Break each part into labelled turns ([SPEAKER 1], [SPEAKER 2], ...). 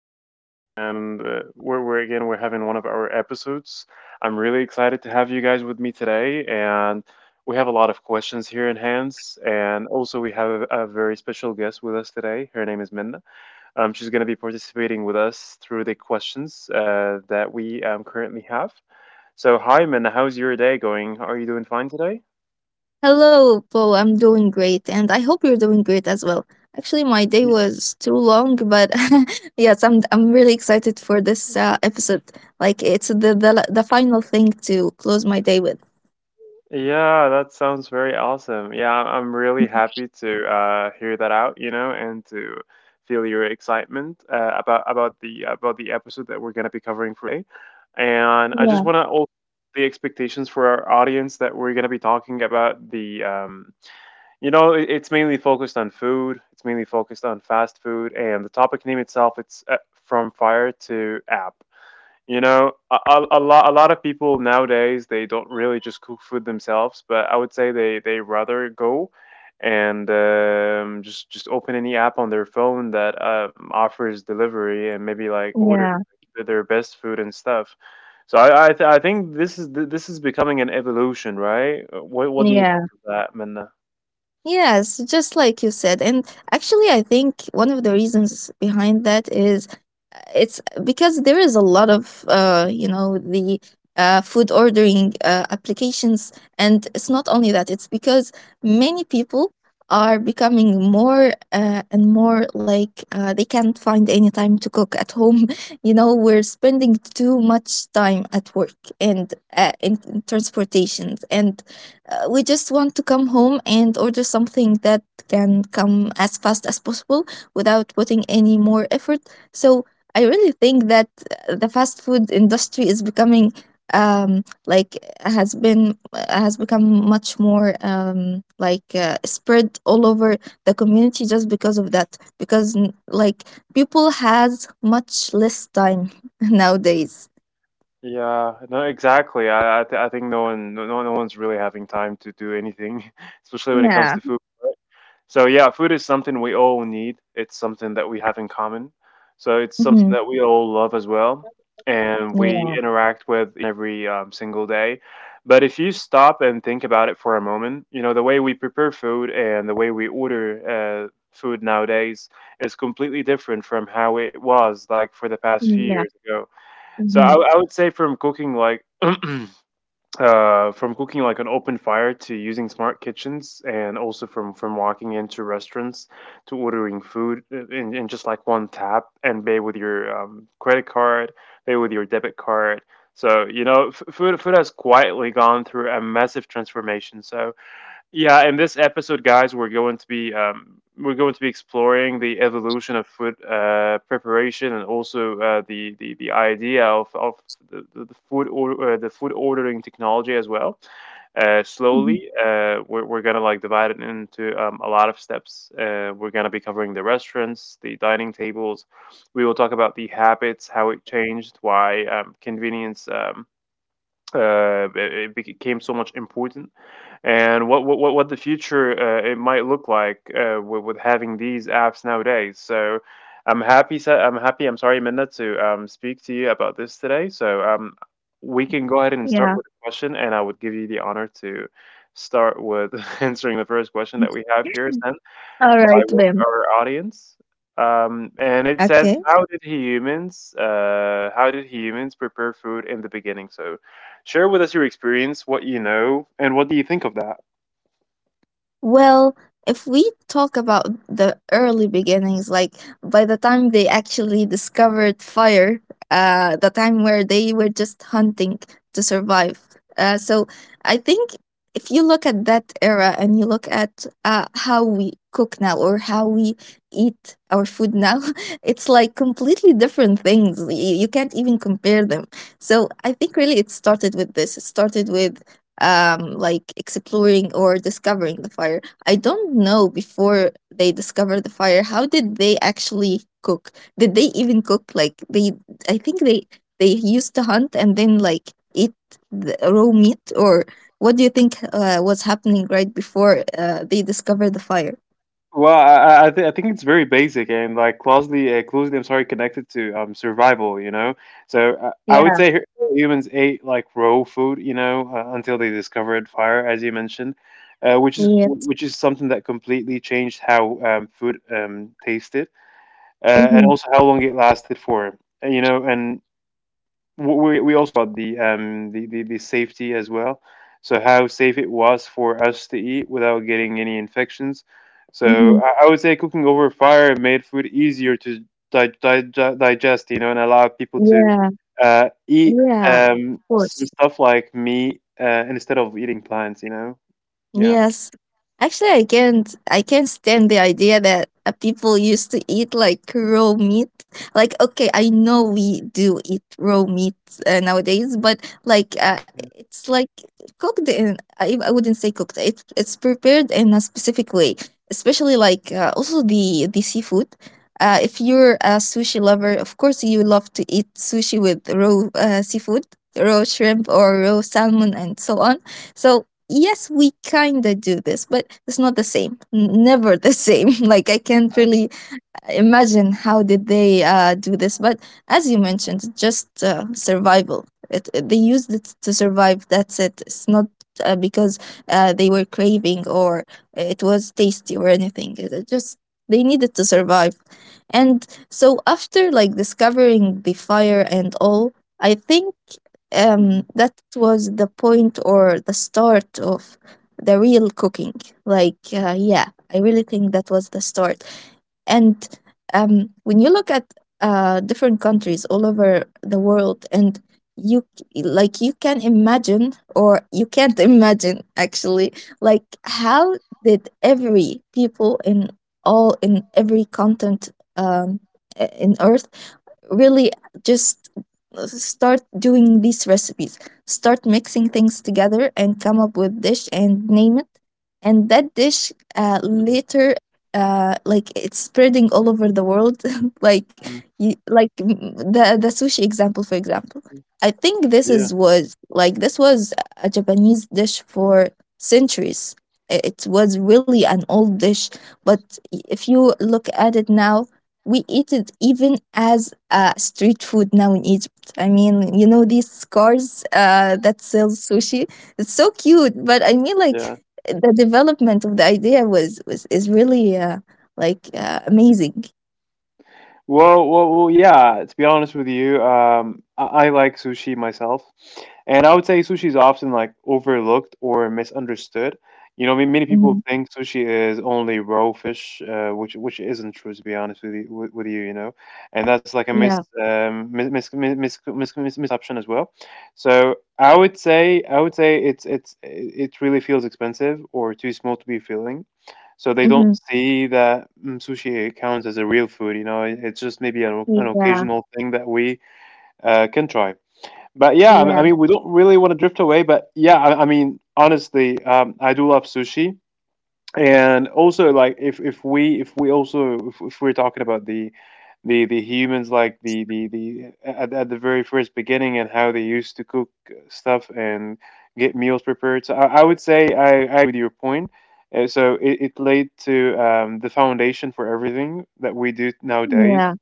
[SPEAKER 1] Paul, and we're having one of our episodes. I'm really excited to have you guys with me today, and we have a lot of questions here in hands, and also we have a very special guest with us today. Her name is Minna. She's going to be participating with us through the questions that we currently have. So, hi Minna, how's your day going? Are you doing fine today?
[SPEAKER 2] Hello, Paul. I'm doing great, and I hope you're doing great as well. Actually, my day was too long, but yes, I'm really excited for this episode. Like it's the final thing to close my day with.
[SPEAKER 1] Yeah, that sounds very awesome. Yeah, I'm really happy to hear that out, and to feel your excitement about the episode that we're gonna be covering for today. And I
[SPEAKER 2] Yeah,
[SPEAKER 1] just wanna also the expectations for our audience that we're gonna be talking about the it's mainly focused on food. It's mainly focused on fast food, and the topic name itself, it's from fire to app. You know, a lot of people nowadays they don't really just cook food themselves, but I would say they rather go and just open any app on their phone that offers delivery and maybe like order
[SPEAKER 2] yeah,
[SPEAKER 1] their best food and stuff. So I think this is becoming an evolution, right? What do you
[SPEAKER 2] yeah.
[SPEAKER 1] think of that, Minna?
[SPEAKER 2] Yes, just like you said. And actually, I think one of the reasons behind that is, it's because there is a lot of, the food ordering applications. And it's not only that, it's because many people are becoming more and more like they can't find any time to cook at home. We're spending too much time at work, and in transportations. And we just want to come home and order something that can come as fast as possible without putting any more effort. So I really think that the fast food industry is becoming like has become much more like spread all over the community, just because of that, because like people has much less time
[SPEAKER 1] Hmm.
[SPEAKER 2] nowadays.
[SPEAKER 1] Yeah, no, exactly. I think no one's really having time to do anything, especially when it
[SPEAKER 2] Yeah.
[SPEAKER 1] comes to food. So yeah, food is something we all need. It's something that we have in common. So it's
[SPEAKER 2] Hmm.
[SPEAKER 1] something that we all love as well, and
[SPEAKER 2] Yeah.
[SPEAKER 1] we interact with every single day. But if you stop and think about it for a moment, you know the way we prepare food and the way we order food nowadays is completely different from how it was like for the past few
[SPEAKER 2] Yeah.
[SPEAKER 1] years ago. So I,
[SPEAKER 2] Hmm.
[SPEAKER 1] I would say from cooking like from cooking like an open fire to using smart kitchens and also from walking into restaurants to ordering food in just like one tap and pay with your credit card pay with your debit card. So food has quietly gone through a massive transformation. So, yeah, in this episode, guys, we're going to be exploring the evolution of food preparation and also the idea of the food ordering technology as well.
[SPEAKER 2] Mhm.
[SPEAKER 1] Slowly, we're gonna like divide it into a lot of steps. We're gonna be covering the restaurants, the dining tables. We will talk about the habits, how it changed, why convenience it became so much important and what the future it might look like with having these apps nowadays. So I'm happy. I'm happy. I'm sorry, Minna, to speak to you about this today. So we can go ahead and start
[SPEAKER 2] Yeah.
[SPEAKER 1] with a question, and I would give you the honor to start with answering the first question that we have here
[SPEAKER 2] All
[SPEAKER 1] by
[SPEAKER 2] right
[SPEAKER 1] one of
[SPEAKER 2] then.
[SPEAKER 1] our audience. And
[SPEAKER 2] Okay.
[SPEAKER 1] it says, "How did humans? How did humans prepare food in the beginning?" So, share with us your experience, what you know, and what do you think of that?
[SPEAKER 2] Well, if we talk about the early beginnings, like by the time they actually discovered fire, the time where they were just hunting to survive. So I think, if you look at that era and you look at how we cook now or how we eat our food now, it's like completely different things. You can't even compare them. So I think really it started with this. It started with like exploring or discovering the fire. I don't know, before they discovered the fire, how did they actually cook? Did they even cook? Like, they I think they used to hunt and then like eat the raw meat, or what do you think was happening right before they discovered the fire?
[SPEAKER 1] Well, I think it's very basic and like closely, I'm sorry, connected to survival. You know, so I would
[SPEAKER 2] Yeah.
[SPEAKER 1] say humans ate like raw food. You know, until they discovered fire, as you mentioned, which is
[SPEAKER 2] Yes.
[SPEAKER 1] which is something that completely changed how food tasted and
[SPEAKER 2] Mm-hmm.
[SPEAKER 1] also how long it lasted for. And we also got the safety as well, so how safe it was for us to eat without getting any infections. So
[SPEAKER 2] Mm-hmm.
[SPEAKER 1] I would say cooking over fire made food easier to digest, and allow people to
[SPEAKER 2] Yeah,
[SPEAKER 1] eat
[SPEAKER 2] yeah, of
[SPEAKER 1] some
[SPEAKER 2] course.
[SPEAKER 1] stuff like meat, instead of eating plants. Yeah.
[SPEAKER 2] Yes. Actually, I can't stand the idea that people used to eat like raw meat. Like, okay, I know we do eat raw meat nowadays, but like
[SPEAKER 1] Yeah.
[SPEAKER 2] it's like cooked in. I wouldn't say cooked. It's prepared in a specific way, especially like also the seafood. If you're a sushi lover, of course you love to eat sushi with raw seafood, raw shrimp or raw salmon and so on. So yes, we kind of do this, but it's not the same. Never the same. Like, I can't really imagine how did they do this. But as you mentioned, just survival, they used it to survive. That's it. It's not because they were craving or it was tasty or anything. It just they needed to survive. And so after like discovering the fire and all, I think
[SPEAKER 1] Hmm.
[SPEAKER 2] that was the point or the start of the real cooking. Like, yeah, I really think that was the start. And when you look at different countries all over the world, and like you can imagine, or you can't imagine actually, like how did every people in all in every continent um in earth really just start doing these recipes, start mixing things together and come up with dish and name it. And that dish
[SPEAKER 1] Hmm.
[SPEAKER 2] later, like it's spreading all over the world. Like,
[SPEAKER 1] Hmm.
[SPEAKER 2] like the sushi example, for example, I think this is
[SPEAKER 1] Yeah.
[SPEAKER 2] was like this was a Japanese dish for centuries. It was really an old dish, but if you look at it now, we eat it even as street food now in Egypt. I mean, you know these cars that sell sushi. It's so cute, but I mean, like
[SPEAKER 1] Yeah.
[SPEAKER 2] the development of the idea was is really like amazing.
[SPEAKER 1] Well, well, well, yeah. To be honest with you, I like sushi myself, and I would say sushi is often like overlooked or misunderstood. You know, I mean, many
[SPEAKER 2] Hmm.
[SPEAKER 1] people think sushi is only raw fish, which isn't true. To be honest with you, and that's like a
[SPEAKER 2] Yeah.
[SPEAKER 1] misoption as well. So I would say it really feels expensive or too small to be filling, so they don't
[SPEAKER 2] Hmm.
[SPEAKER 1] see that sushi counts as a real food. You know, it's just maybe an
[SPEAKER 2] Yeah.
[SPEAKER 1] occasional thing that we can try. But yeah, I
[SPEAKER 2] Yeah.
[SPEAKER 1] mean, we don't really want to drift away. But yeah, I mean, honestly, I do love sushi, and also like if we're talking about the humans, like at the very first beginning and how they used to cook stuff and get meals prepared, so I would say I agree with your point. So it laid to the foundation for everything that we do nowadays,
[SPEAKER 2] Yeah.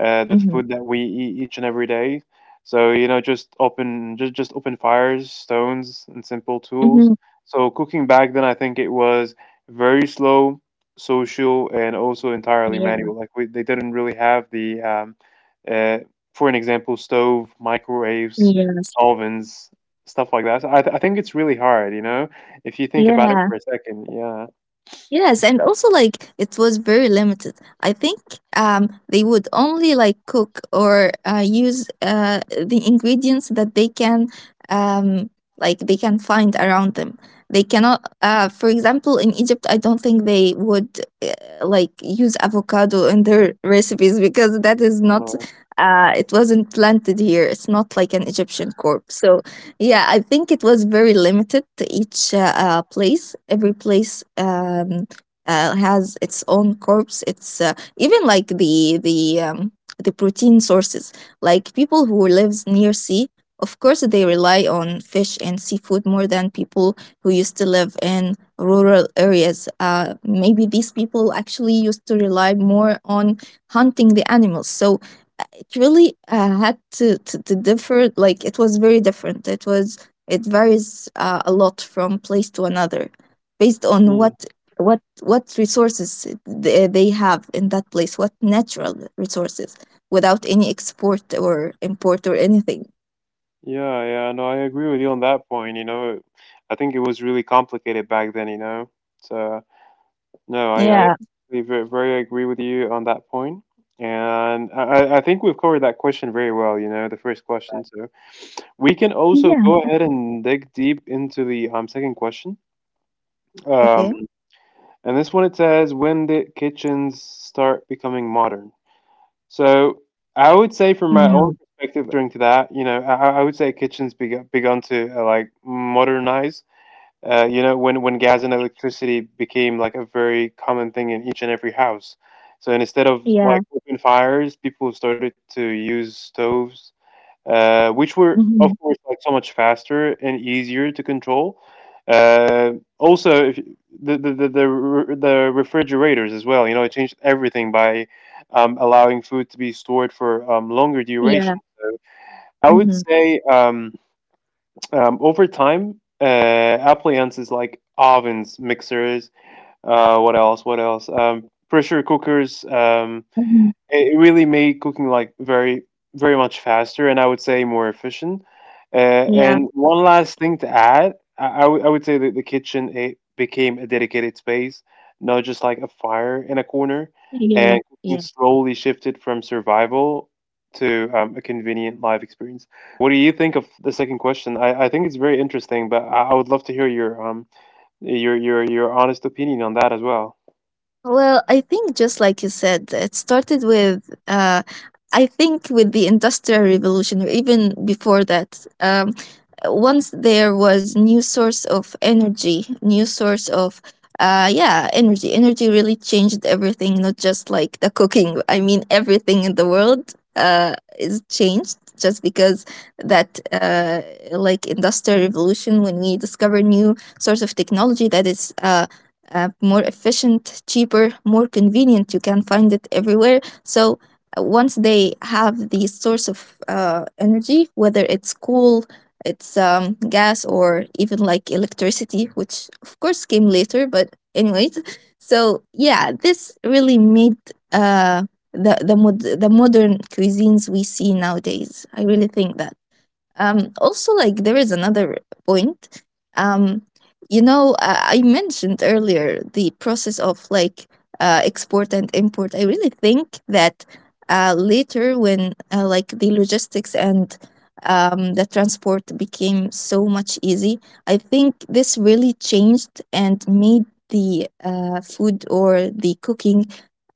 [SPEAKER 1] the food
[SPEAKER 2] Hmm.
[SPEAKER 1] that we eat each and every day. So, just open fires, stones, and simple
[SPEAKER 2] Hmm.
[SPEAKER 1] tools. So cooking back then, I think it was very slow, social, and also entirely
[SPEAKER 2] Yeah.
[SPEAKER 1] manual. Like they didn't really have uh, for an example, stove, microwaves,
[SPEAKER 2] Yes.
[SPEAKER 1] ovens, stuff like that. So I think it's really hard, you know, if you think about it
[SPEAKER 2] Yeah.
[SPEAKER 1] for a second. Yeah.
[SPEAKER 2] Yes, and also like it was very limited. I think they would only like cook or use the ingredients that they can um like they can find around them. They cannot, for example, in Egypt I don't think they would like use avocado in their recipes, because that is not,
[SPEAKER 1] No.
[SPEAKER 2] it wasn't planted here. It's not like an Egyptian crop. So yeah, I think it was very limited to each place. Every place has its own corps. It's even like the protein sources. Like, people who lives near sea, of course, they rely on fish and seafood more than people who used to live in rural areas. Maybe these people actually used to rely more on hunting the animals. So it really had to differ. Like, it was very different. It varies a lot from place to another, based on
[SPEAKER 1] Yeah.
[SPEAKER 2] what resources they have in that place, what natural resources, without any export or import or anything.
[SPEAKER 1] Yeah, yeah, no, I agree with you on that point. You know, I think it was really complicated back then. So, no, I
[SPEAKER 2] Yeah,
[SPEAKER 1] actually very agree with you on that point. And I think we've covered that question very well, the first question. So, we can also
[SPEAKER 2] yeah.
[SPEAKER 1] go ahead and dig deep into the second question. Um,
[SPEAKER 2] Okay.
[SPEAKER 1] and this one it says, When did kitchens start becoming modern? So I would say, from my
[SPEAKER 2] Mm.
[SPEAKER 1] own perspective, during to that, I would say kitchens begun to like modernize. When gas and electricity became like a very common thing in each and every house. So instead of like
[SPEAKER 2] Yeah.
[SPEAKER 1] open fires, people started to use stoves, which were of
[SPEAKER 2] Hmm.
[SPEAKER 1] course like so much faster and easier to control. Also, if you- the, re- the refrigerators as well. You know, it changed everything by allowing food to be stored for longer duration.
[SPEAKER 2] Yeah.
[SPEAKER 1] So I would
[SPEAKER 2] Hmm.
[SPEAKER 1] say over time, appliances like ovens, mixers, what else? What else? Pressure cookers.
[SPEAKER 2] Hmm.
[SPEAKER 1] It really made cooking like very, very much faster, and I would say more efficient. Uh,
[SPEAKER 2] Yeah,
[SPEAKER 1] and one last thing to add, I would say that the kitchen, it became a dedicated space, not just like a fire in a corner. And cooking
[SPEAKER 2] yeah.
[SPEAKER 1] slowly shifted from survival to a convenient life experience. What do you think of the second question? I think it's very interesting, but I would love to hear your your honest opinion on that as well.
[SPEAKER 2] Well, I think, just like you said, it started with, I think, with the Industrial Revolution, or even before that. Once there was new source of energy, new source of, yeah, energy. Energy really changed everything, not just like the cooking. I mean, everything in the world is changed just because that, like, industrial revolution, when we discover new source of technology that is more efficient, cheaper, more convenient. You can find it everywhere. So once they have the source of energy, whether it's coal, it's gas, or even like electricity, which of course came later, but anyways. So yeah, this really made uh, the modern cuisines we see nowadays. I really think that. Also, like, there is another point. Um, I mentioned earlier the process of like export and import. I really think that later, when like the logistics and the transport became so much easy, I think this really changed and made the food, or the cooking,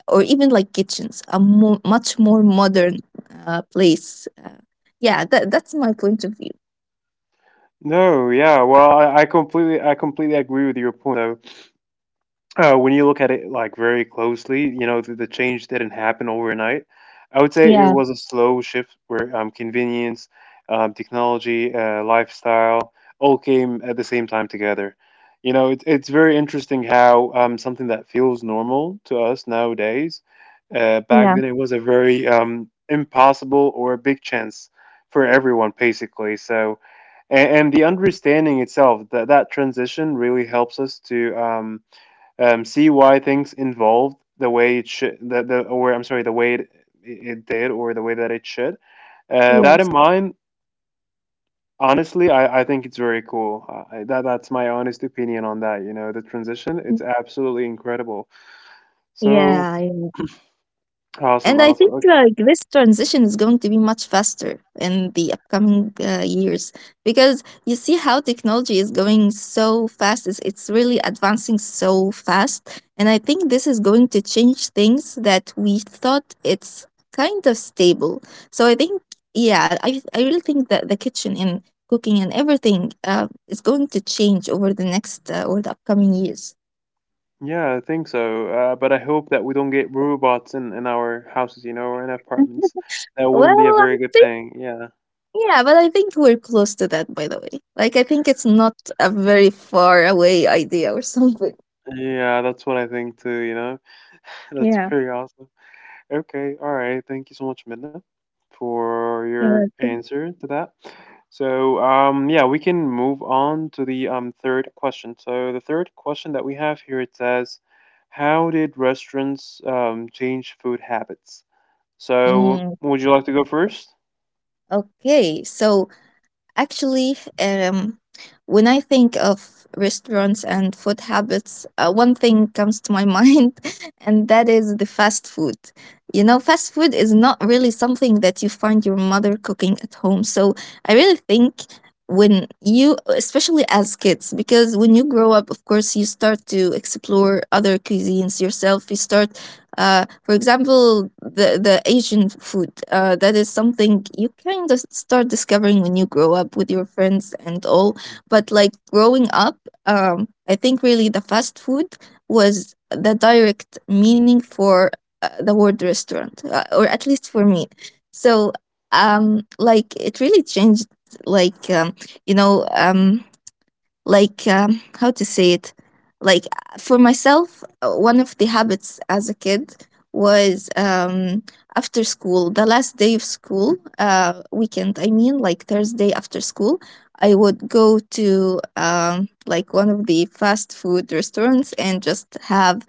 [SPEAKER 2] or even like kitchens, a much more modern place. That's my point of view.
[SPEAKER 1] No, yeah. Well, I completely agree with your point, though. When you look at it like very closely, the change didn't happen overnight. I would say it
[SPEAKER 2] Yeah,
[SPEAKER 1] was a slow shift where convenience, technology, lifestyle all came at the same time together. You know, it's very interesting how something that feels normal to us nowadays,
[SPEAKER 2] yeah,
[SPEAKER 1] back then it was a very impossible or a big chance for everyone, basically. So, and the understanding itself that that transition really helps us to. See why things involved the way it should, or I'm sorry, the way it did, or the way that it should. That
[SPEAKER 2] yes.
[SPEAKER 1] in mind, honestly, I think it's very cool. I, that that's my honest opinion on that. You know, the transition, it's absolutely incredible. So
[SPEAKER 2] Yeah.
[SPEAKER 1] awesome,
[SPEAKER 2] And I
[SPEAKER 1] awesome.
[SPEAKER 2] think
[SPEAKER 1] Okay.
[SPEAKER 2] like this transition is going to be much faster in the upcoming years, because you see how technology is going so fast. It's really advancing so fast. And I think this is going to change things that we thought it's kind of stable. So I think, yeah, I really think that the kitchen and cooking and everything is going to change over the next, or the upcoming years.
[SPEAKER 1] Yeah, I think so. But I hope that we don't get robots in our houses, or in apartments. That
[SPEAKER 2] Well,
[SPEAKER 1] wouldn't be a very good
[SPEAKER 2] I
[SPEAKER 1] thing. Yeah,
[SPEAKER 2] yeah, but I think we're close to that, by the way. Like, I think it's not a very far away idea or something.
[SPEAKER 1] yeah, that's what I think too. You know, that's
[SPEAKER 2] Yeah.
[SPEAKER 1] very awesome. Okay, all right. Thank you so much, Minna, for
[SPEAKER 2] You're
[SPEAKER 1] your
[SPEAKER 2] welcome.
[SPEAKER 1] answer to that. So, we can move on to the third question. So, the third question that we have here it says, "How did restaurants change food habits?" So,
[SPEAKER 2] Mm.
[SPEAKER 1] would you like to go first?
[SPEAKER 2] Okay. So actually, when I think of restaurants and food habits, one thing comes to my mind, and that is the fast food. You know, fast food is not really something that you find your mother cooking at home. So I really think, when you, especially as kids, because when you grow up, of course, you start to explore other cuisines yourself. You start, for example, the Asian food, that is something you kind of start discovering when you grow up with your friends and all.
[SPEAKER 1] Mm.
[SPEAKER 2] But like growing up, I think really the fast food was the direct meaning for the word restaurant, or at least for me. So like, it really changed, like, you know um like, how to say it, like, for myself, one of the habits as a kid was, after school, the last day of school, weekend, I mean, like Thursday, after school, I would go to, like, one of the fast food restaurants and just have,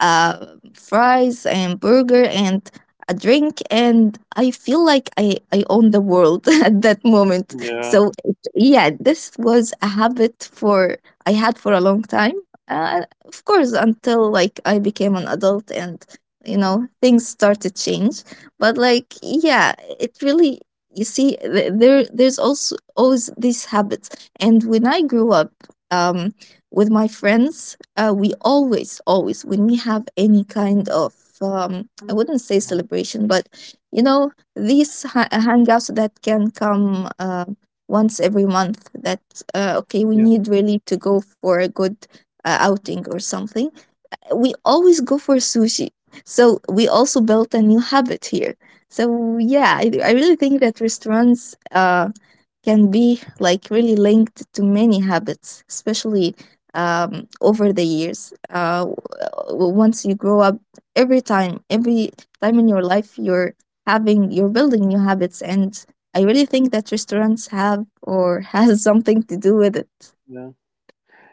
[SPEAKER 2] uh, fries and burger and a drink, and I feel like I own the world at that moment.
[SPEAKER 1] Yeah.
[SPEAKER 2] So yeah, this was a habit for I had for a long time. Of course, until like I became an adult, and things started change. But like, yeah, it really, you see, there's also always these habits. And when I grew up, um with my friends, we always, always, when we have any kind of, I wouldn't say
[SPEAKER 1] Mhm.
[SPEAKER 2] celebration, but, these hangouts that can come once every month. That Okay, we
[SPEAKER 1] Yeah.
[SPEAKER 2] need really to go for a good outing or something. We always go for sushi, so we also built a new habit here. So yeah, I really think that restaurants can be like really linked to many habits, especially over the years. Once you grow up, every time in your life, you're building new habits, and I really think that restaurants have or has something to do with it.
[SPEAKER 1] Yeah.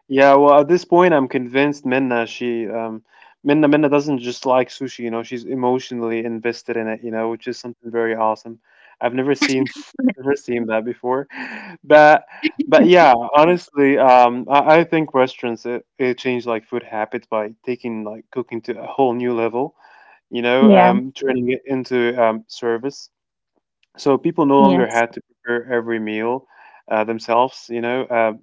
[SPEAKER 1] Yeah, well, at this point, I'm convinced Minna, Minna doesn't just like sushi, you know, she's emotionally invested in it, you know, which is something very awesome. I've never seen, never seen that before, but, but yeah, honestly, I think restaurants it, it change like food habits by taking like cooking to a whole new level, you know,
[SPEAKER 2] Yeah.
[SPEAKER 1] um, turning it into service. So people no longer had to
[SPEAKER 2] Yes.
[SPEAKER 1] prepare every meal themselves, you know.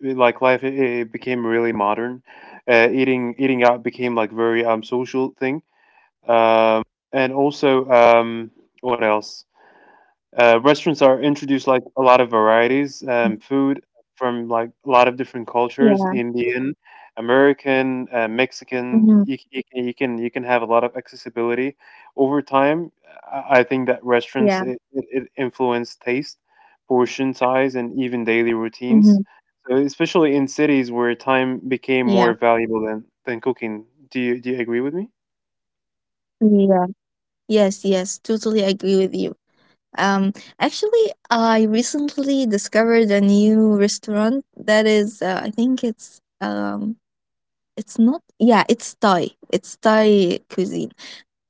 [SPEAKER 1] Like life it, it became really modern, eating out became like very social thing, um and also what else restaurants are introduced like a lot of varieties food from like a lot of
[SPEAKER 2] Yeah.
[SPEAKER 1] different cultures, indian, american,
[SPEAKER 2] hmm
[SPEAKER 1] mexican. You can you can have a lot of accessibility over time. I think that
[SPEAKER 2] Yeah.
[SPEAKER 1] restaurants it, it, it influence taste, portion size, and even daily
[SPEAKER 2] hmm
[SPEAKER 1] routines. So, especially in cities where time became
[SPEAKER 2] Yeah.
[SPEAKER 1] more valuable than cooking. Do you agree with me?
[SPEAKER 2] Yeah. Yes. Yes, totally agree with you. Um, Actually, I recently discovered a new restaurant that is, I think it's not, yeah, it's Thai. It's Thai cuisine.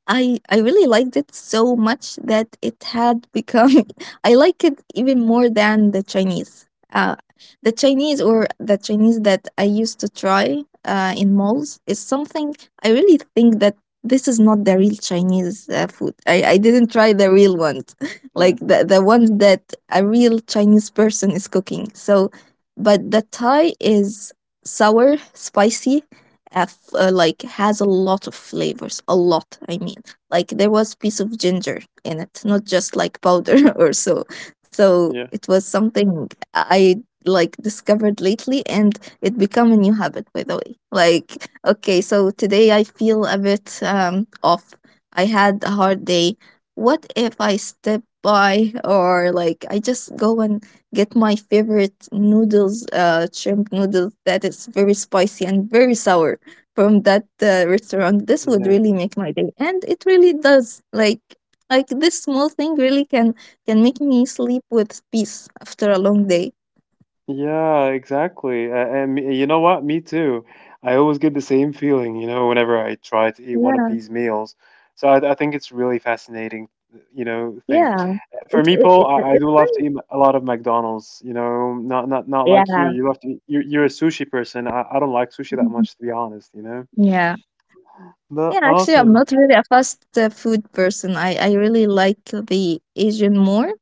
[SPEAKER 2] I really liked it so much that it had become I like it even more than the Chinese. Uh, the Chinese or the Chinese that I used to try in malls is something I really think that this is not the real Chinese food. I didn't try the real ones,
[SPEAKER 1] Yeah,
[SPEAKER 2] like the ones that a real Chinese person is cooking. So, but the Thai is sour, spicy, like has a lot of flavors, a lot, I mean, like there was piece of ginger in it, not just like powder or so. So
[SPEAKER 1] yeah,
[SPEAKER 2] it was something I like discovered lately, and it become a new habit. By the way, like, okay, so today I feel a bit off. I had a hard day. What if I step by, or like I just go and get my favorite noodles, shrimp noodles that is very spicy and very sour from that restaurant. This would
[SPEAKER 1] yeah.
[SPEAKER 2] really make my day, and it really does. Like this small thing really can make me sleep with peace after a long day.
[SPEAKER 1] Yeah, exactly. You know what? Me too. I always get the same feeling, you know, whenever I try to eat one
[SPEAKER 2] Yeah,
[SPEAKER 1] of these meals. So I think it's really fascinating, you know, thing.
[SPEAKER 2] yeah.
[SPEAKER 1] For me, Paul, I
[SPEAKER 2] It's
[SPEAKER 1] do
[SPEAKER 2] kind
[SPEAKER 1] love to
[SPEAKER 2] of,
[SPEAKER 1] eat a lot of McDonald's, you know, not like you.
[SPEAKER 2] yeah.
[SPEAKER 1] You love to eat, you're a sushi person. I don't like sushi that
[SPEAKER 2] Mhm.
[SPEAKER 1] much, to be honest, you know.
[SPEAKER 2] Yeah. Yeah,
[SPEAKER 1] But
[SPEAKER 2] actually, I'm
[SPEAKER 1] awesome.
[SPEAKER 2] not really a fast food person. I really like the Asian more,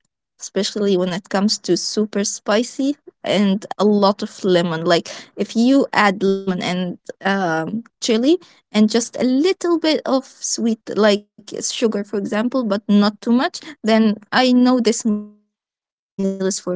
[SPEAKER 2] especially when it comes to super spicy and a lot of lemon. Like, if you add lemon and chili and just a little bit of sweet, like sugar, for example, but not too much, then I know this meal is for me, especially if it's seafood.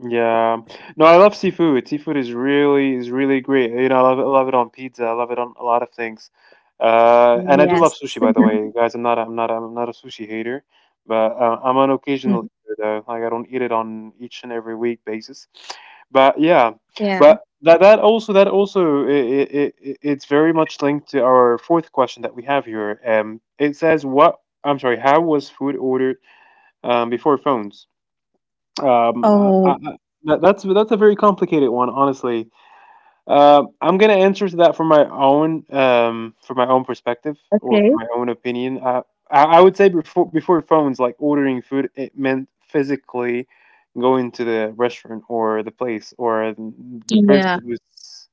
[SPEAKER 1] Yeah. No, I love seafood. Seafood is really great. You know, I love it on pizza. I love it on a lot of things.
[SPEAKER 2] Yes.
[SPEAKER 1] And I do love sushi, by the way, guys. I'm not a sushi hater, but I'm
[SPEAKER 2] Mm.
[SPEAKER 1] an occasional eater though. Like I don't eat it on each and every week basis. But yeah,
[SPEAKER 2] Yeah.
[SPEAKER 1] but that also it's very much linked to our fourth question that we have here. It says what, I'm sorry, how was food ordered before phones? Um, uh,
[SPEAKER 2] Oh,
[SPEAKER 1] I, I, that's that's a very complicated one, honestly. I'm gonna answer to that from my own perspective
[SPEAKER 2] okay.
[SPEAKER 1] or from my own opinion. I would say before phones, like ordering food, it meant physically going to the restaurant or the place or the
[SPEAKER 2] Yeah.
[SPEAKER 1] person who's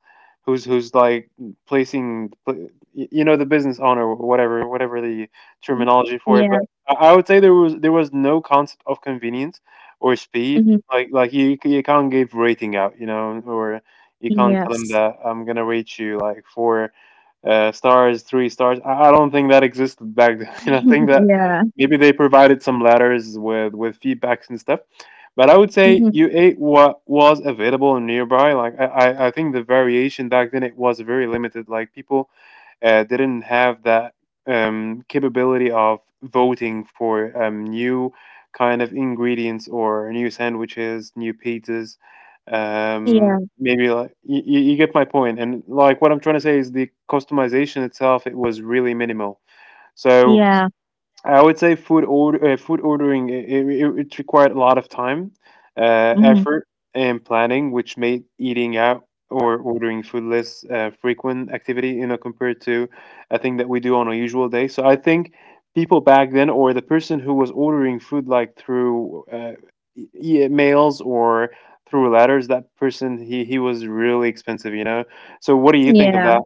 [SPEAKER 1] who's who's like placing pla- y- you know, the business owner or whatever, whatever the terminology for
[SPEAKER 2] Yeah.
[SPEAKER 1] it. But I would say there was no concept of convenience or
[SPEAKER 2] hmm
[SPEAKER 1] speed. Like you can't give rating out, you know, or you can't tell him
[SPEAKER 2] Yes.
[SPEAKER 1] that I'm gonna rate you like four stars, three stars. I don't think that existed back then. You know, I think that
[SPEAKER 2] Yeah.
[SPEAKER 1] maybe they provided some letters with feedbacks and stuff. But I would say
[SPEAKER 2] Mhm.
[SPEAKER 1] you ate what was available and nearby. Like I think the variation back then it was very limited. Like people didn't have that capability of voting for new kind of ingredients or new sandwiches, new pizzas.
[SPEAKER 2] Yeah.
[SPEAKER 1] Maybe like you get my point. And like what I'm trying to say is the customization itself, it was really minimal. So
[SPEAKER 2] Yeah.
[SPEAKER 1] I would say food ordering, it required a lot of time,
[SPEAKER 2] Mhm.
[SPEAKER 1] effort, and planning, which made eating out or ordering food less frequent activity. You know, compared to a thing that we do on a usual day. So I think people back then, or the person who was ordering food like through mails or through letters, that person he was really expensive. You know. So what do you think of
[SPEAKER 2] Yeah.
[SPEAKER 1] that?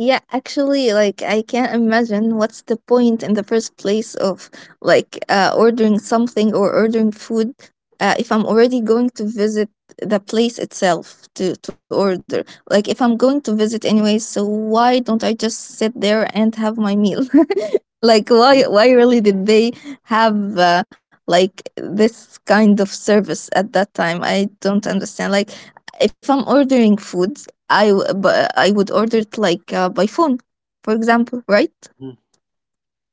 [SPEAKER 2] Yeah, actually, like I can't imagine what's the point in the first place of like ordering something or ordering food if I'm already going to visit the place itself to order. Like if I'm going to visit anyway, so why don't I just sit there and have my meal? Like, why
[SPEAKER 1] Yeah.
[SPEAKER 2] why really did they have like this kind of service at that time? I don't understand. Like, if I'm ordering food, but I would order it like by phone, for example, right?
[SPEAKER 1] Mm.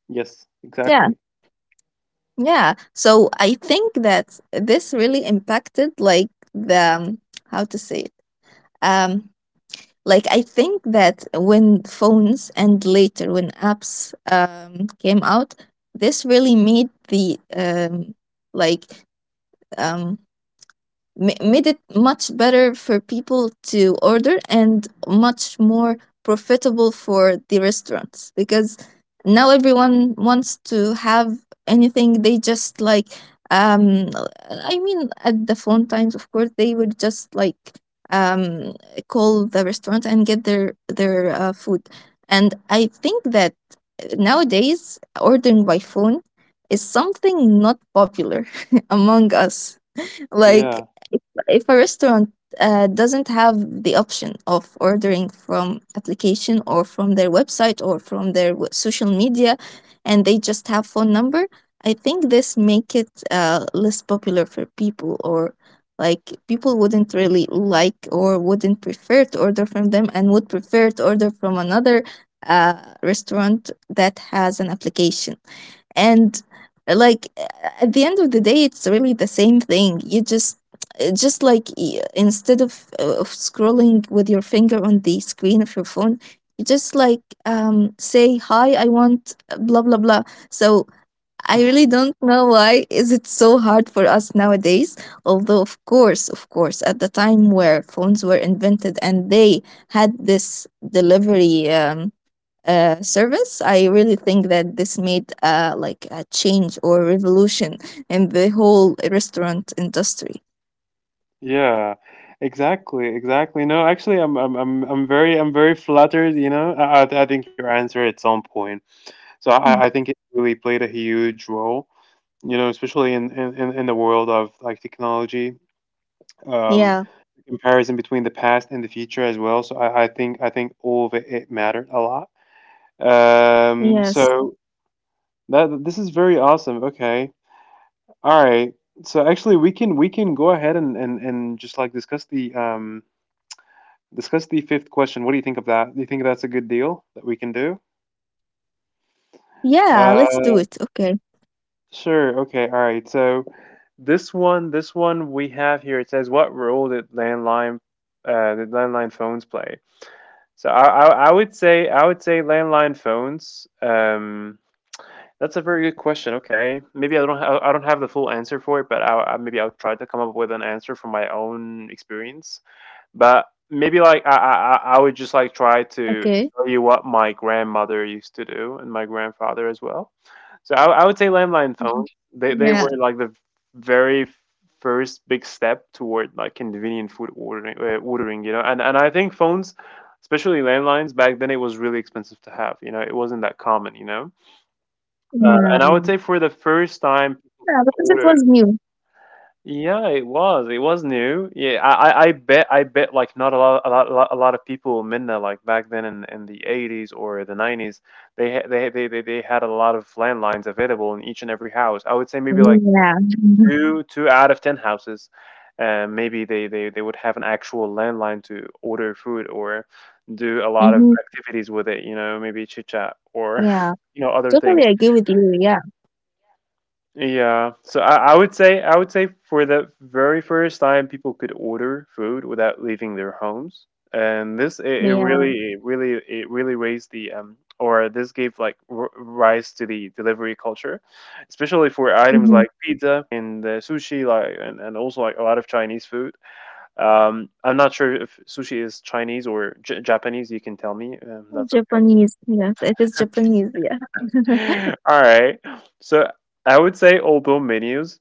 [SPEAKER 1] Yes,
[SPEAKER 2] Yeah.
[SPEAKER 1] exactly.
[SPEAKER 2] Yeah. So I think that this really impacted like the how to say it. Um like I think that when phones and later when apps came out, this really made the like um made it much better for people to order and much more profitable for the restaurants, because now everyone wants to have anything. They just like um I mean, at the phone times of course they would just like um call the restaurant and get their food. And I think that nowadays ordering by phone is something not popular among us.
[SPEAKER 1] Yeah.
[SPEAKER 2] Like, if, if a restaurant doesn't have the option of ordering from application or from their website or from their social media and they just have phone number, I think this make it less popular for people, or like people wouldn't really like or wouldn't prefer to order from them and would prefer to order from another restaurant that has an application, and uh, like uh, at the end of the day it's really the same thing. You just instead of scrolling with your finger on the screen of your phone, you just like say hi, I want blah blah blah. So I really don't know why is it so hard for us nowadays, although of course at the time where phones were invented and they had this delivery service, I really think that this made like a change or revolution in the whole restaurant industry.
[SPEAKER 1] Yeah. Exactly. Exactly. No, actually I'm very flattered, you know. I think your answer at some point. So I
[SPEAKER 2] Mm.
[SPEAKER 1] think it really played a huge role, you know, especially in in the world of like technology. Um,
[SPEAKER 2] Yeah.
[SPEAKER 1] Comparison between the past and the future as well. So I think all of it, it mattered a lot. Um,
[SPEAKER 2] Yes.
[SPEAKER 1] so that this is very awesome. Okay. All right. So actually we can go ahead and just like discuss the fifth question. What do you think of that? Do you think that's a good deal that we can do?
[SPEAKER 2] Yeah, let's do
[SPEAKER 1] Uh,
[SPEAKER 2] it. Okay.
[SPEAKER 1] sure. Okay. All right. So this one we have here it says what role did landline did landline phones play? So I would say I would say landline phones, that's a very good question. Okay, maybe I don't have the full answer for it, but I maybe I'll try to come up with an answer from my own experience. But maybe like I
[SPEAKER 2] Okay.
[SPEAKER 1] would just like try to tell you what my grandmother used to do and my grandfather as well. So
[SPEAKER 2] Mhm.
[SPEAKER 1] I would say
[SPEAKER 2] Yeah.
[SPEAKER 1] landline phones. They were like the very first big step toward like convenient food ordering. Ordering, you know, and I think phones, especially landlines, back then it was really expensive to have. You know, it wasn't that common. You know
[SPEAKER 2] Yeah.
[SPEAKER 1] and I would say for the first
[SPEAKER 2] Yeah,
[SPEAKER 1] time
[SPEAKER 2] because it
[SPEAKER 1] people
[SPEAKER 2] was
[SPEAKER 1] could
[SPEAKER 2] new.
[SPEAKER 1] order. Yeah, it was. It was new. Yeah, I bet I bet like not a lot of people, Minna, like back then, in the 80s or the 90s, they, they had a lot of landlines available in each and every house. I would say maybe like
[SPEAKER 2] Yeah.
[SPEAKER 1] two out of 10 houses, maybe they would have an actual landline to order food or do a lot of
[SPEAKER 2] Mm-hmm.
[SPEAKER 1] activities with it, you know, maybe chit chat or
[SPEAKER 2] Yeah,
[SPEAKER 1] you know other things.
[SPEAKER 2] totally agree with you. Yeah.
[SPEAKER 1] Yeah. So I would say I would say for the very first time people could order food without leaving their homes. And this it, it
[SPEAKER 2] Yeah.
[SPEAKER 1] really it really raised the or this gave like r- rise to the delivery culture, especially for items
[SPEAKER 2] Mm-hmm.
[SPEAKER 1] like pizza and sushi like, and also like a lot of Chinese food. I'm not sure if sushi is Chinese or Japanese. You can tell me. That's okay.
[SPEAKER 2] Japanese. Yes, it is Japanese. Yeah.
[SPEAKER 1] Okay. All right. So I would say although menus,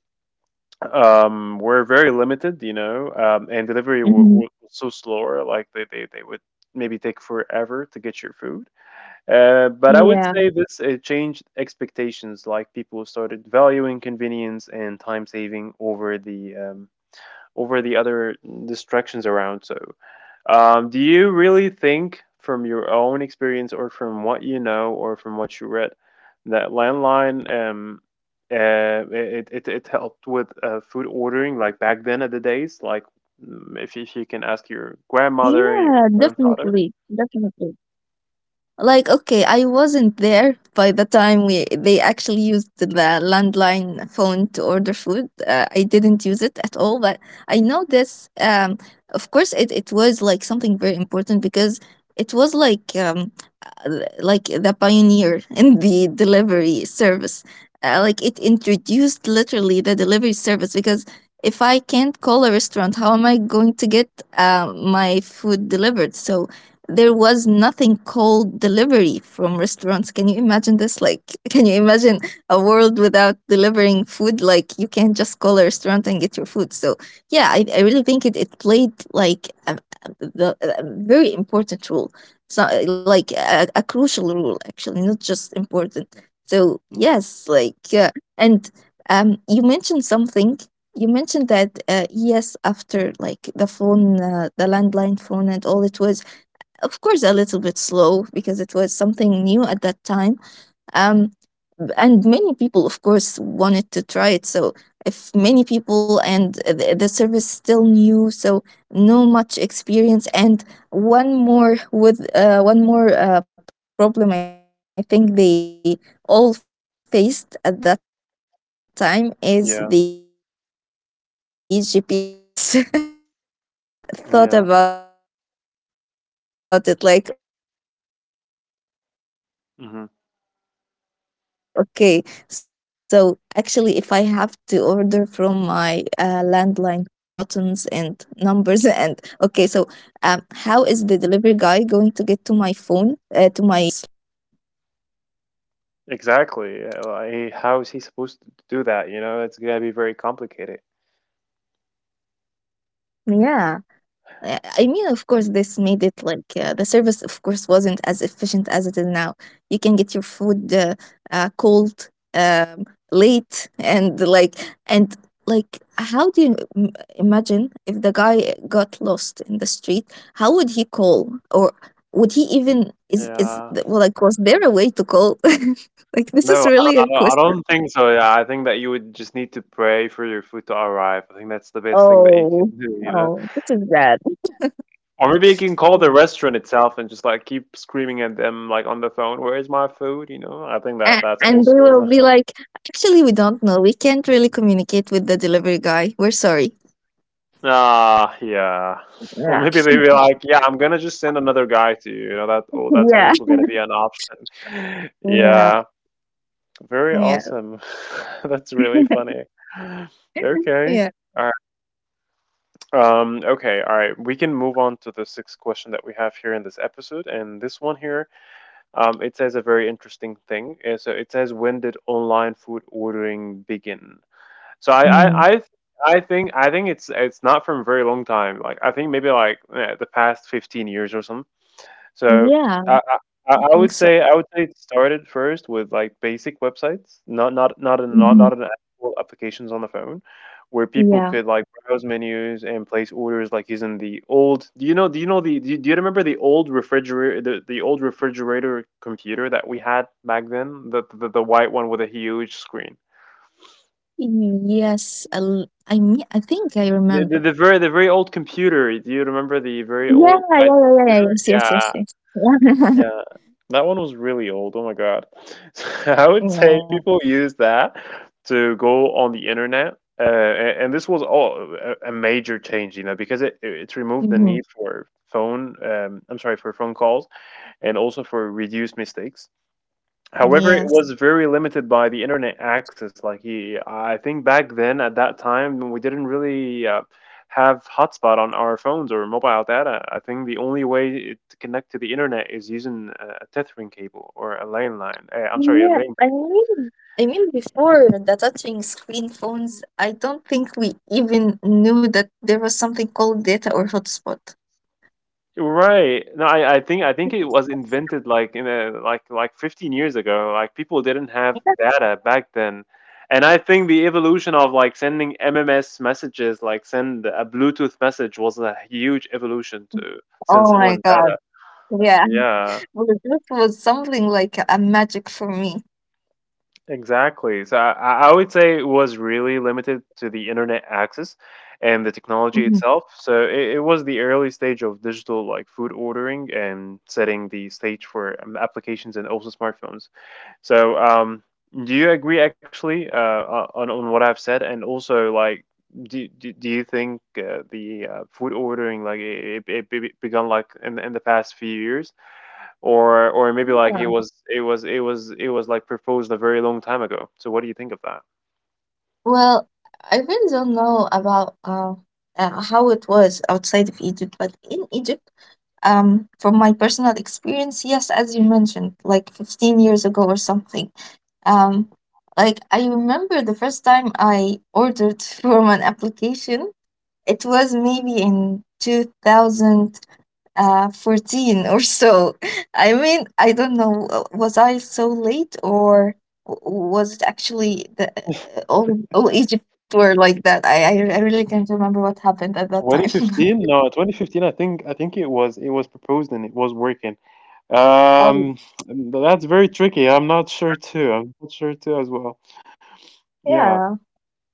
[SPEAKER 1] We're very limited, you know, and delivery
[SPEAKER 2] hmm
[SPEAKER 1] was so slower. Like they would maybe take forever to get your food. But I would
[SPEAKER 2] Yeah.
[SPEAKER 1] say this changed expectations. Like people started valuing convenience and time saving over the other distractions around. So do you really think, from your own experience, or from what you know, or from what you read, that landline it it helped with food ordering, like back then at the days, like mm, if you can ask your
[SPEAKER 2] Yeah,
[SPEAKER 1] grandmother, your
[SPEAKER 2] definitely.
[SPEAKER 1] grandfather?
[SPEAKER 2] Definitely. Like, okay, I wasn't there by the time we they actually used the landline phone to order food. I didn't use it at all, but I know this. Of course, it was like something very important because it was like the pioneer in the delivery service. Like it introduced literally the delivery service, because if I can't call a restaurant, how am I going to get my food delivered? So there was nothing called delivery from restaurants. Can you imagine this? Like, can you imagine a world without delivering food? Like, you can't just call a restaurant and get your food. So, yeah, I really think it played like the, a very important role, so a crucial role actually, not just important. So
[SPEAKER 1] Yeah,
[SPEAKER 2] yes, like and you mentioned something. You mentioned that yes, after like the phone, the landline phone, and all, it was of course a little bit slow because it was something new at that time. Um, and many people of course wanted to try it, so if many people and the service still new, so no much experience, and one more with one more problem I think they all faced at that time is the GPS. I just thought
[SPEAKER 1] yeah,
[SPEAKER 2] about it, like, okay, so actually if I have to order from my
[SPEAKER 1] yeah.
[SPEAKER 2] landline phone, which is just buttons and numbers, and okay. So
[SPEAKER 1] Hmm.
[SPEAKER 2] how is the delivery guy going to get to my home without using GPS? Like GPS is really important.
[SPEAKER 1] Exactly. Yeah, like, how is he supposed to do that? You know, it's gonna be very complicated.
[SPEAKER 2] Yeah. I mean, of course, this made it like the service, of course, wasn't as efficient as it is now. You can get your food cold, um, late, and like, how do you im- imagine if the guy got lost in the street? How would he call, or would he even
[SPEAKER 1] Yeah.
[SPEAKER 2] well, like, was there a way to call? Like, this is
[SPEAKER 1] No,
[SPEAKER 2] really
[SPEAKER 1] I
[SPEAKER 2] a
[SPEAKER 1] don't, I don't I
[SPEAKER 2] question.
[SPEAKER 1] don't think so. Yeah, I think that you would just need to pray for your food to arrive. I think that's the best thing that you can
[SPEAKER 2] Oh,
[SPEAKER 1] do, you know?
[SPEAKER 2] oh, this is bad.
[SPEAKER 1] Or maybe you can call the restaurant itself and just like keep screaming at them like on the phone, "Where's my food?" You know? I think that
[SPEAKER 2] A-
[SPEAKER 1] that's
[SPEAKER 2] and they
[SPEAKER 1] also,
[SPEAKER 2] will be like, actually, we don't know. We can't really communicate with the delivery guy. We're sorry.
[SPEAKER 1] ah, yeah. Or
[SPEAKER 2] Yeah.
[SPEAKER 1] maybe they'd be like, "Yeah, I'm gonna just send another guy to you." You know, that oh, that's
[SPEAKER 2] Yeah.
[SPEAKER 1] also gonna be an option.
[SPEAKER 2] Yeah.
[SPEAKER 1] Yeah, very
[SPEAKER 2] Yeah.
[SPEAKER 1] awesome. That's really funny. Okay,
[SPEAKER 2] Yeah.
[SPEAKER 1] all right. Okay, all right. We can move on to the sixth question that we have here in this episode. And this one here, it says a very interesting thing. So it says, when did online food ordering begin? So I,
[SPEAKER 2] Mm.
[SPEAKER 1] I, I, th- I think, I think it's not from a very long time. Like I think maybe like the past 15 years or something. So
[SPEAKER 2] Yeah.
[SPEAKER 1] I I,
[SPEAKER 2] I
[SPEAKER 1] I
[SPEAKER 2] think
[SPEAKER 1] would
[SPEAKER 2] so.
[SPEAKER 1] say I would say it started first with like basic websites, not not not an
[SPEAKER 2] Mhm.
[SPEAKER 1] not not an actual applications on the phone, where people
[SPEAKER 2] Yeah.
[SPEAKER 1] could like browse menus and place orders like using the old. Do you know? Do you know the? Do you remember the old refrigerator? The old refrigerator computer that we had back then, the white one with a huge screen.
[SPEAKER 2] Yes. I mean, I think I
[SPEAKER 1] The, the,
[SPEAKER 2] remember.
[SPEAKER 1] the very the very old computer. Do you remember the very
[SPEAKER 2] Yeah.
[SPEAKER 1] old
[SPEAKER 2] Yeah.
[SPEAKER 1] white
[SPEAKER 2] Yeah. Yeah, yeah,
[SPEAKER 1] computer?
[SPEAKER 2] yes. Yes.
[SPEAKER 1] Yeah,
[SPEAKER 2] Yes. Yes.
[SPEAKER 1] Yeah, that one was really old. Oh my God. So I would
[SPEAKER 2] Yeah.
[SPEAKER 1] say people use that to go on the internet. And this was all a major change, you know, because it- it's removed the
[SPEAKER 2] hmm
[SPEAKER 1] need for phone calls and also for reduced mistakes. However, it
[SPEAKER 2] Yes.
[SPEAKER 1] was very limited by the internet access. Like he, I think back then at that time we didn't really have hotspot on our phones or mobile data. I think the only way to connect to the internet is using a tethering cable or a
[SPEAKER 2] Yeah,
[SPEAKER 1] lane cable.
[SPEAKER 2] I mean, before the touching screen phones, I don't think we even knew that there was something called data or hotspot.
[SPEAKER 1] Right. No, I think it was invented like in a like 15 years ago. Like people didn't have data back then. And I think the evolution of like sending MMS messages, like send a Bluetooth message was a huge evolution to send
[SPEAKER 2] Oh my
[SPEAKER 1] someone
[SPEAKER 2] God.
[SPEAKER 1] data.
[SPEAKER 2] Yeah.
[SPEAKER 1] Yeah.
[SPEAKER 2] Well, this was something like a magic for me.
[SPEAKER 1] Exactly. So I would say it was really limited to the internet access and the
[SPEAKER 2] Mhm.
[SPEAKER 1] technology itself. So it was the early stage of digital like food ordering and setting the stage for applications and also smartphones. So do you agree actually on what I've said? And also like, do you think the food ordering like begun like in the past few years? Or maybe like it was like proposed a very long time ago. So what do you think of that?
[SPEAKER 2] Well, I really don't know about how it was outside of Egypt, but in Egypt, from my personal experience, yes, as you mentioned, like 15 years ago or something. Um, like, I remember the first time I ordered from an application, it was maybe in 2014 or so. I mean, I don't know, was I so late, or was it actually the all Egypt were like that? I really can't remember what happened at that time.
[SPEAKER 1] 2015, no, 2015, I think it was proposed and it was working.
[SPEAKER 2] Oh,
[SPEAKER 1] um that's very tricky. I'm not sure too as well. Yeah.
[SPEAKER 2] yeah.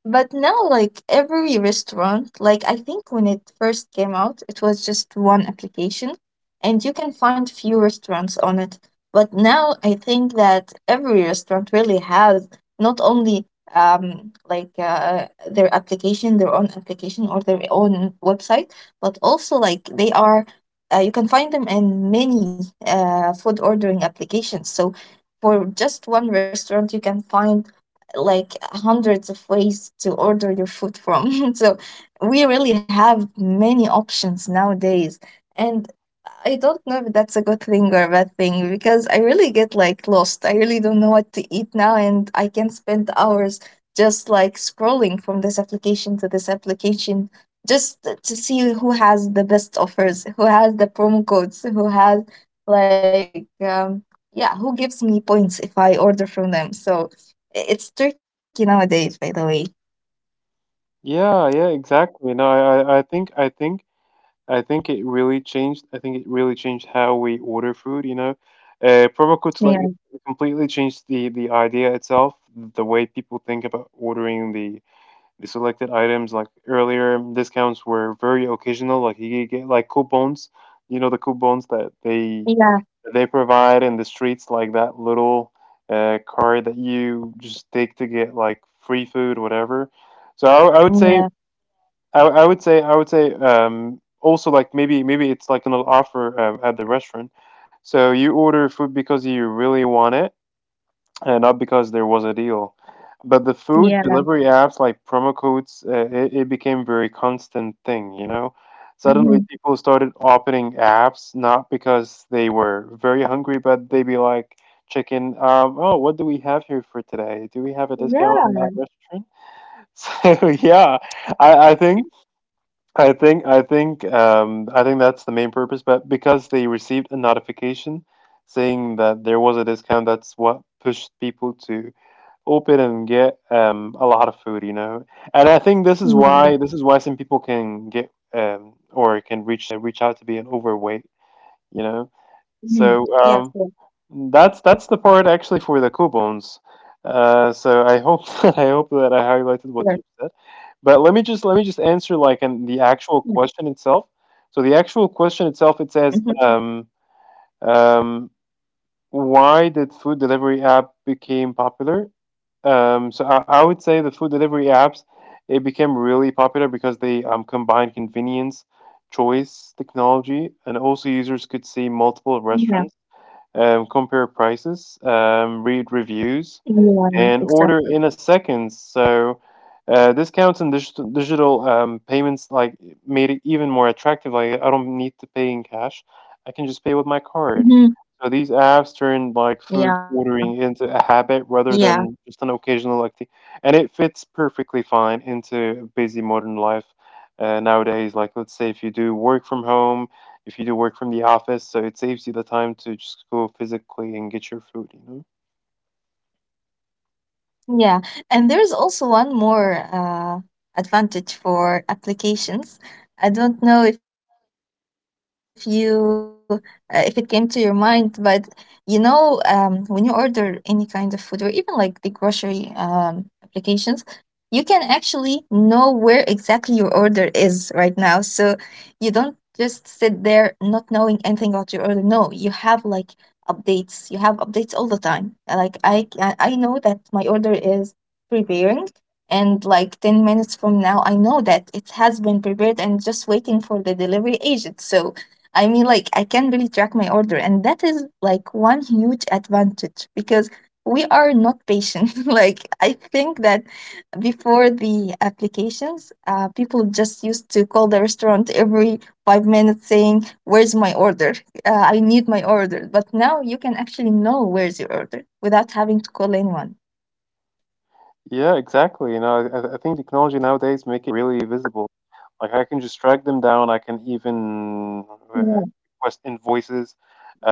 [SPEAKER 2] But now, like every restaurant, like I think when it first came out, it was just one application and you can find few restaurants on it. But now I think that every restaurant really has not only their application, their own application or their own website, but also like they are you can find them in many food ordering applications. So for just one restaurant, you can find like hundreds of ways to order your food from. So we really have many options nowadays. And I don't know if that's a good thing or a bad thing, because I really get like lost. I really don't know what to eat now, and I can spend hours just like scrolling from this application to this application just to see who has the best offers, who has the promo codes, who has like yeah, who gives me points if I order from them. So it's tricky nowadays, by the way.
[SPEAKER 1] Yeah, yeah, exactly. No, I think it really changed. I think it really changed how we order food, you know. Promo codes, like,
[SPEAKER 2] Yeah,
[SPEAKER 1] it completely changed the idea itself, the way people think about ordering the selected items. Like earlier discounts were very occasional. Like he could get like coupons, you know, the coupons that they
[SPEAKER 2] yeah,
[SPEAKER 1] they provide in the streets, like that little card that you just take to get like free food, whatever. So
[SPEAKER 2] yeah,
[SPEAKER 1] I would say also like maybe it's like an offer at the restaurant. So you order food because you really want it, not because there was a deal. But the food delivery
[SPEAKER 2] yeah,
[SPEAKER 1] apps, like promo codes, it became very constant thing, you know? Suddenly people
[SPEAKER 2] hmm
[SPEAKER 1] started opening apps, not because they were very hungry, but they be like, chicken, oh, what do we have here for today? Do we have a discount on that
[SPEAKER 2] yeah,
[SPEAKER 1] restaurant? So yeah, I think, I think, I think, I think that's the main purpose. But because they received a notification, saying that there was a discount. That's what pushed people to open and get a lot of food, you know. And I think this is why
[SPEAKER 2] yeah,
[SPEAKER 1] some people can get or can reach out to being overweight, you know. So
[SPEAKER 2] hmm yeah, yeah,
[SPEAKER 1] that's the part actually for the coupons. So I hope that I hope that I
[SPEAKER 2] yeah,
[SPEAKER 1] highlighted what you said. But let me just answer like in the
[SPEAKER 2] yeah,
[SPEAKER 1] actual question itself. So the actual question itself it says
[SPEAKER 2] hmm
[SPEAKER 1] um, why did food delivery app became popular? So I would say the food delivery apps it became really popular because they combined convenience, choice, technology, and also users could see multiple restaurants,
[SPEAKER 2] yeah,
[SPEAKER 1] compare prices, read reviews,
[SPEAKER 2] yeah,
[SPEAKER 1] and order in a
[SPEAKER 2] exactly.
[SPEAKER 1] second. So discounts and digital payments, like, made it even more attractive. Like I don't need to pay in cash; I can just pay with
[SPEAKER 2] hmm
[SPEAKER 1] my card. So these apps
[SPEAKER 2] Yeah,
[SPEAKER 1] turned like food ordering into
[SPEAKER 2] yeah.
[SPEAKER 1] a habit rather than just an occasional activity, and it fits perfectly fine into busy modern life nowadays. Like let's say if you do work from home, if you do work from the office, so it saves you the time to just go physically and get your food, you know?
[SPEAKER 2] Yeah, and there's also one more advantage for applications. I don't know if you if it came to your mind, but you know, when you order any kind of food or even like the grocery applications, you can actually know where exactly your order is right now. So you don't just sit there not knowing anything about your order. No, you have like updates. You have updates all the time. Like, I know that my order is preparing. And like 10 minutes from now, I know that it has been prepared and just waiting for the delivery agent. So, I mean, like, I can really track my order. And that is like one huge advantage, because we are not patient. Like, I think that before the applications, people just used to call the restaurant every 5 minutes saying, where's my order? Uh, I need my order. But now you can actually know where's your order without having to call anyone.
[SPEAKER 1] Yeah, exactly. You know, I think technology nowadays make it really visible. Like I can just track them down. I can even uh, request invoices,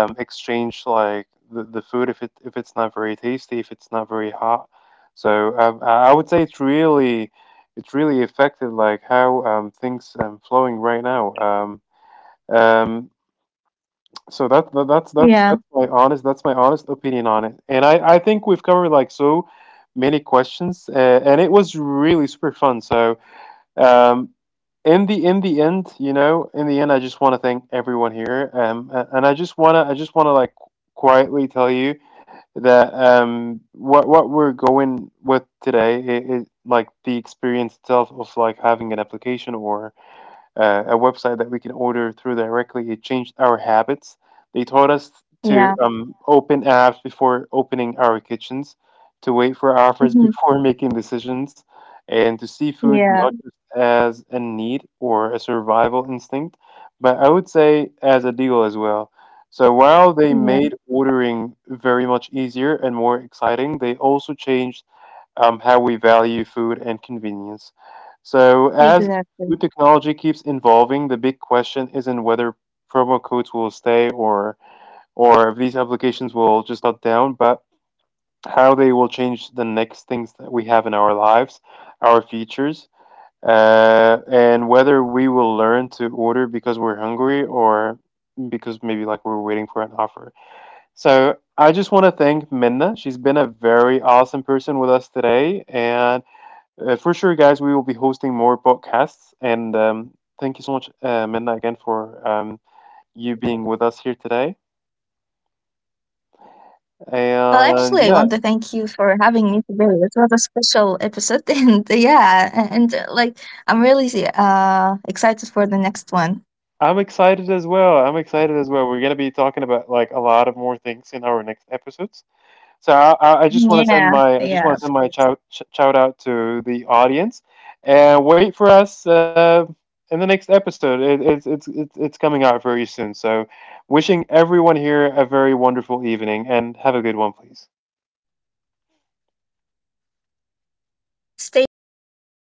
[SPEAKER 1] exchange like the food if it, if it's not very tasty, if it's not very hot. So I would say it's really affected like how things flowing right now. Um,
[SPEAKER 2] Yeah,
[SPEAKER 1] So that's my honest opinion on it. And I think we've covered like so many questions, and it was really super fun. So um, in the end, you know, in the end, I just want to thank everyone here. And I just wanna like quietly tell you that what we're going with today is like the experience itself of like having an application or a website that we can order through directly. It changed our habits. They taught us to
[SPEAKER 2] yeah,
[SPEAKER 1] open apps before opening our kitchens, to wait for offers
[SPEAKER 2] hmm
[SPEAKER 1] before making decisions, and to see food not
[SPEAKER 2] yeah,
[SPEAKER 1] just as a need or a survival instinct, but I would say as a deal as well. So while they
[SPEAKER 2] yeah,
[SPEAKER 1] made ordering very much easier and more exciting, they also changed how we value food and convenience. So, as food
[SPEAKER 2] exactly.
[SPEAKER 1] technology keeps evolving, the big question isn't whether promo codes will stay, or if these applications will just shut down, but how they will change the next things that we have in our lives, our features, and whether we will learn to order because we're hungry or because maybe like we're waiting for an offer. So I just want to thank Minna. She's been a very awesome person with us today, and for sure, guys, we will be hosting more podcasts. And thank you so much, Minna, again for you being with us here today.
[SPEAKER 2] Well, actually, I want to thank you for
[SPEAKER 1] And yeah,
[SPEAKER 2] having me today. It was a special episode, and yeah, and like I'm really excited for the next one.
[SPEAKER 1] I'm excited as well. We're gonna be talking about like a lot of more things in our next episodes. So I just
[SPEAKER 2] Yeah,
[SPEAKER 1] want to send
[SPEAKER 2] yeah,
[SPEAKER 1] my I
[SPEAKER 2] of
[SPEAKER 1] just want to
[SPEAKER 2] course.
[SPEAKER 1] send my shout out to the audience, and wait for us in the next episode. It, it's coming out very soon. So wishing everyone here a very wonderful evening and have a good one, please.
[SPEAKER 2] Stay tuned, everyone. Goodbye.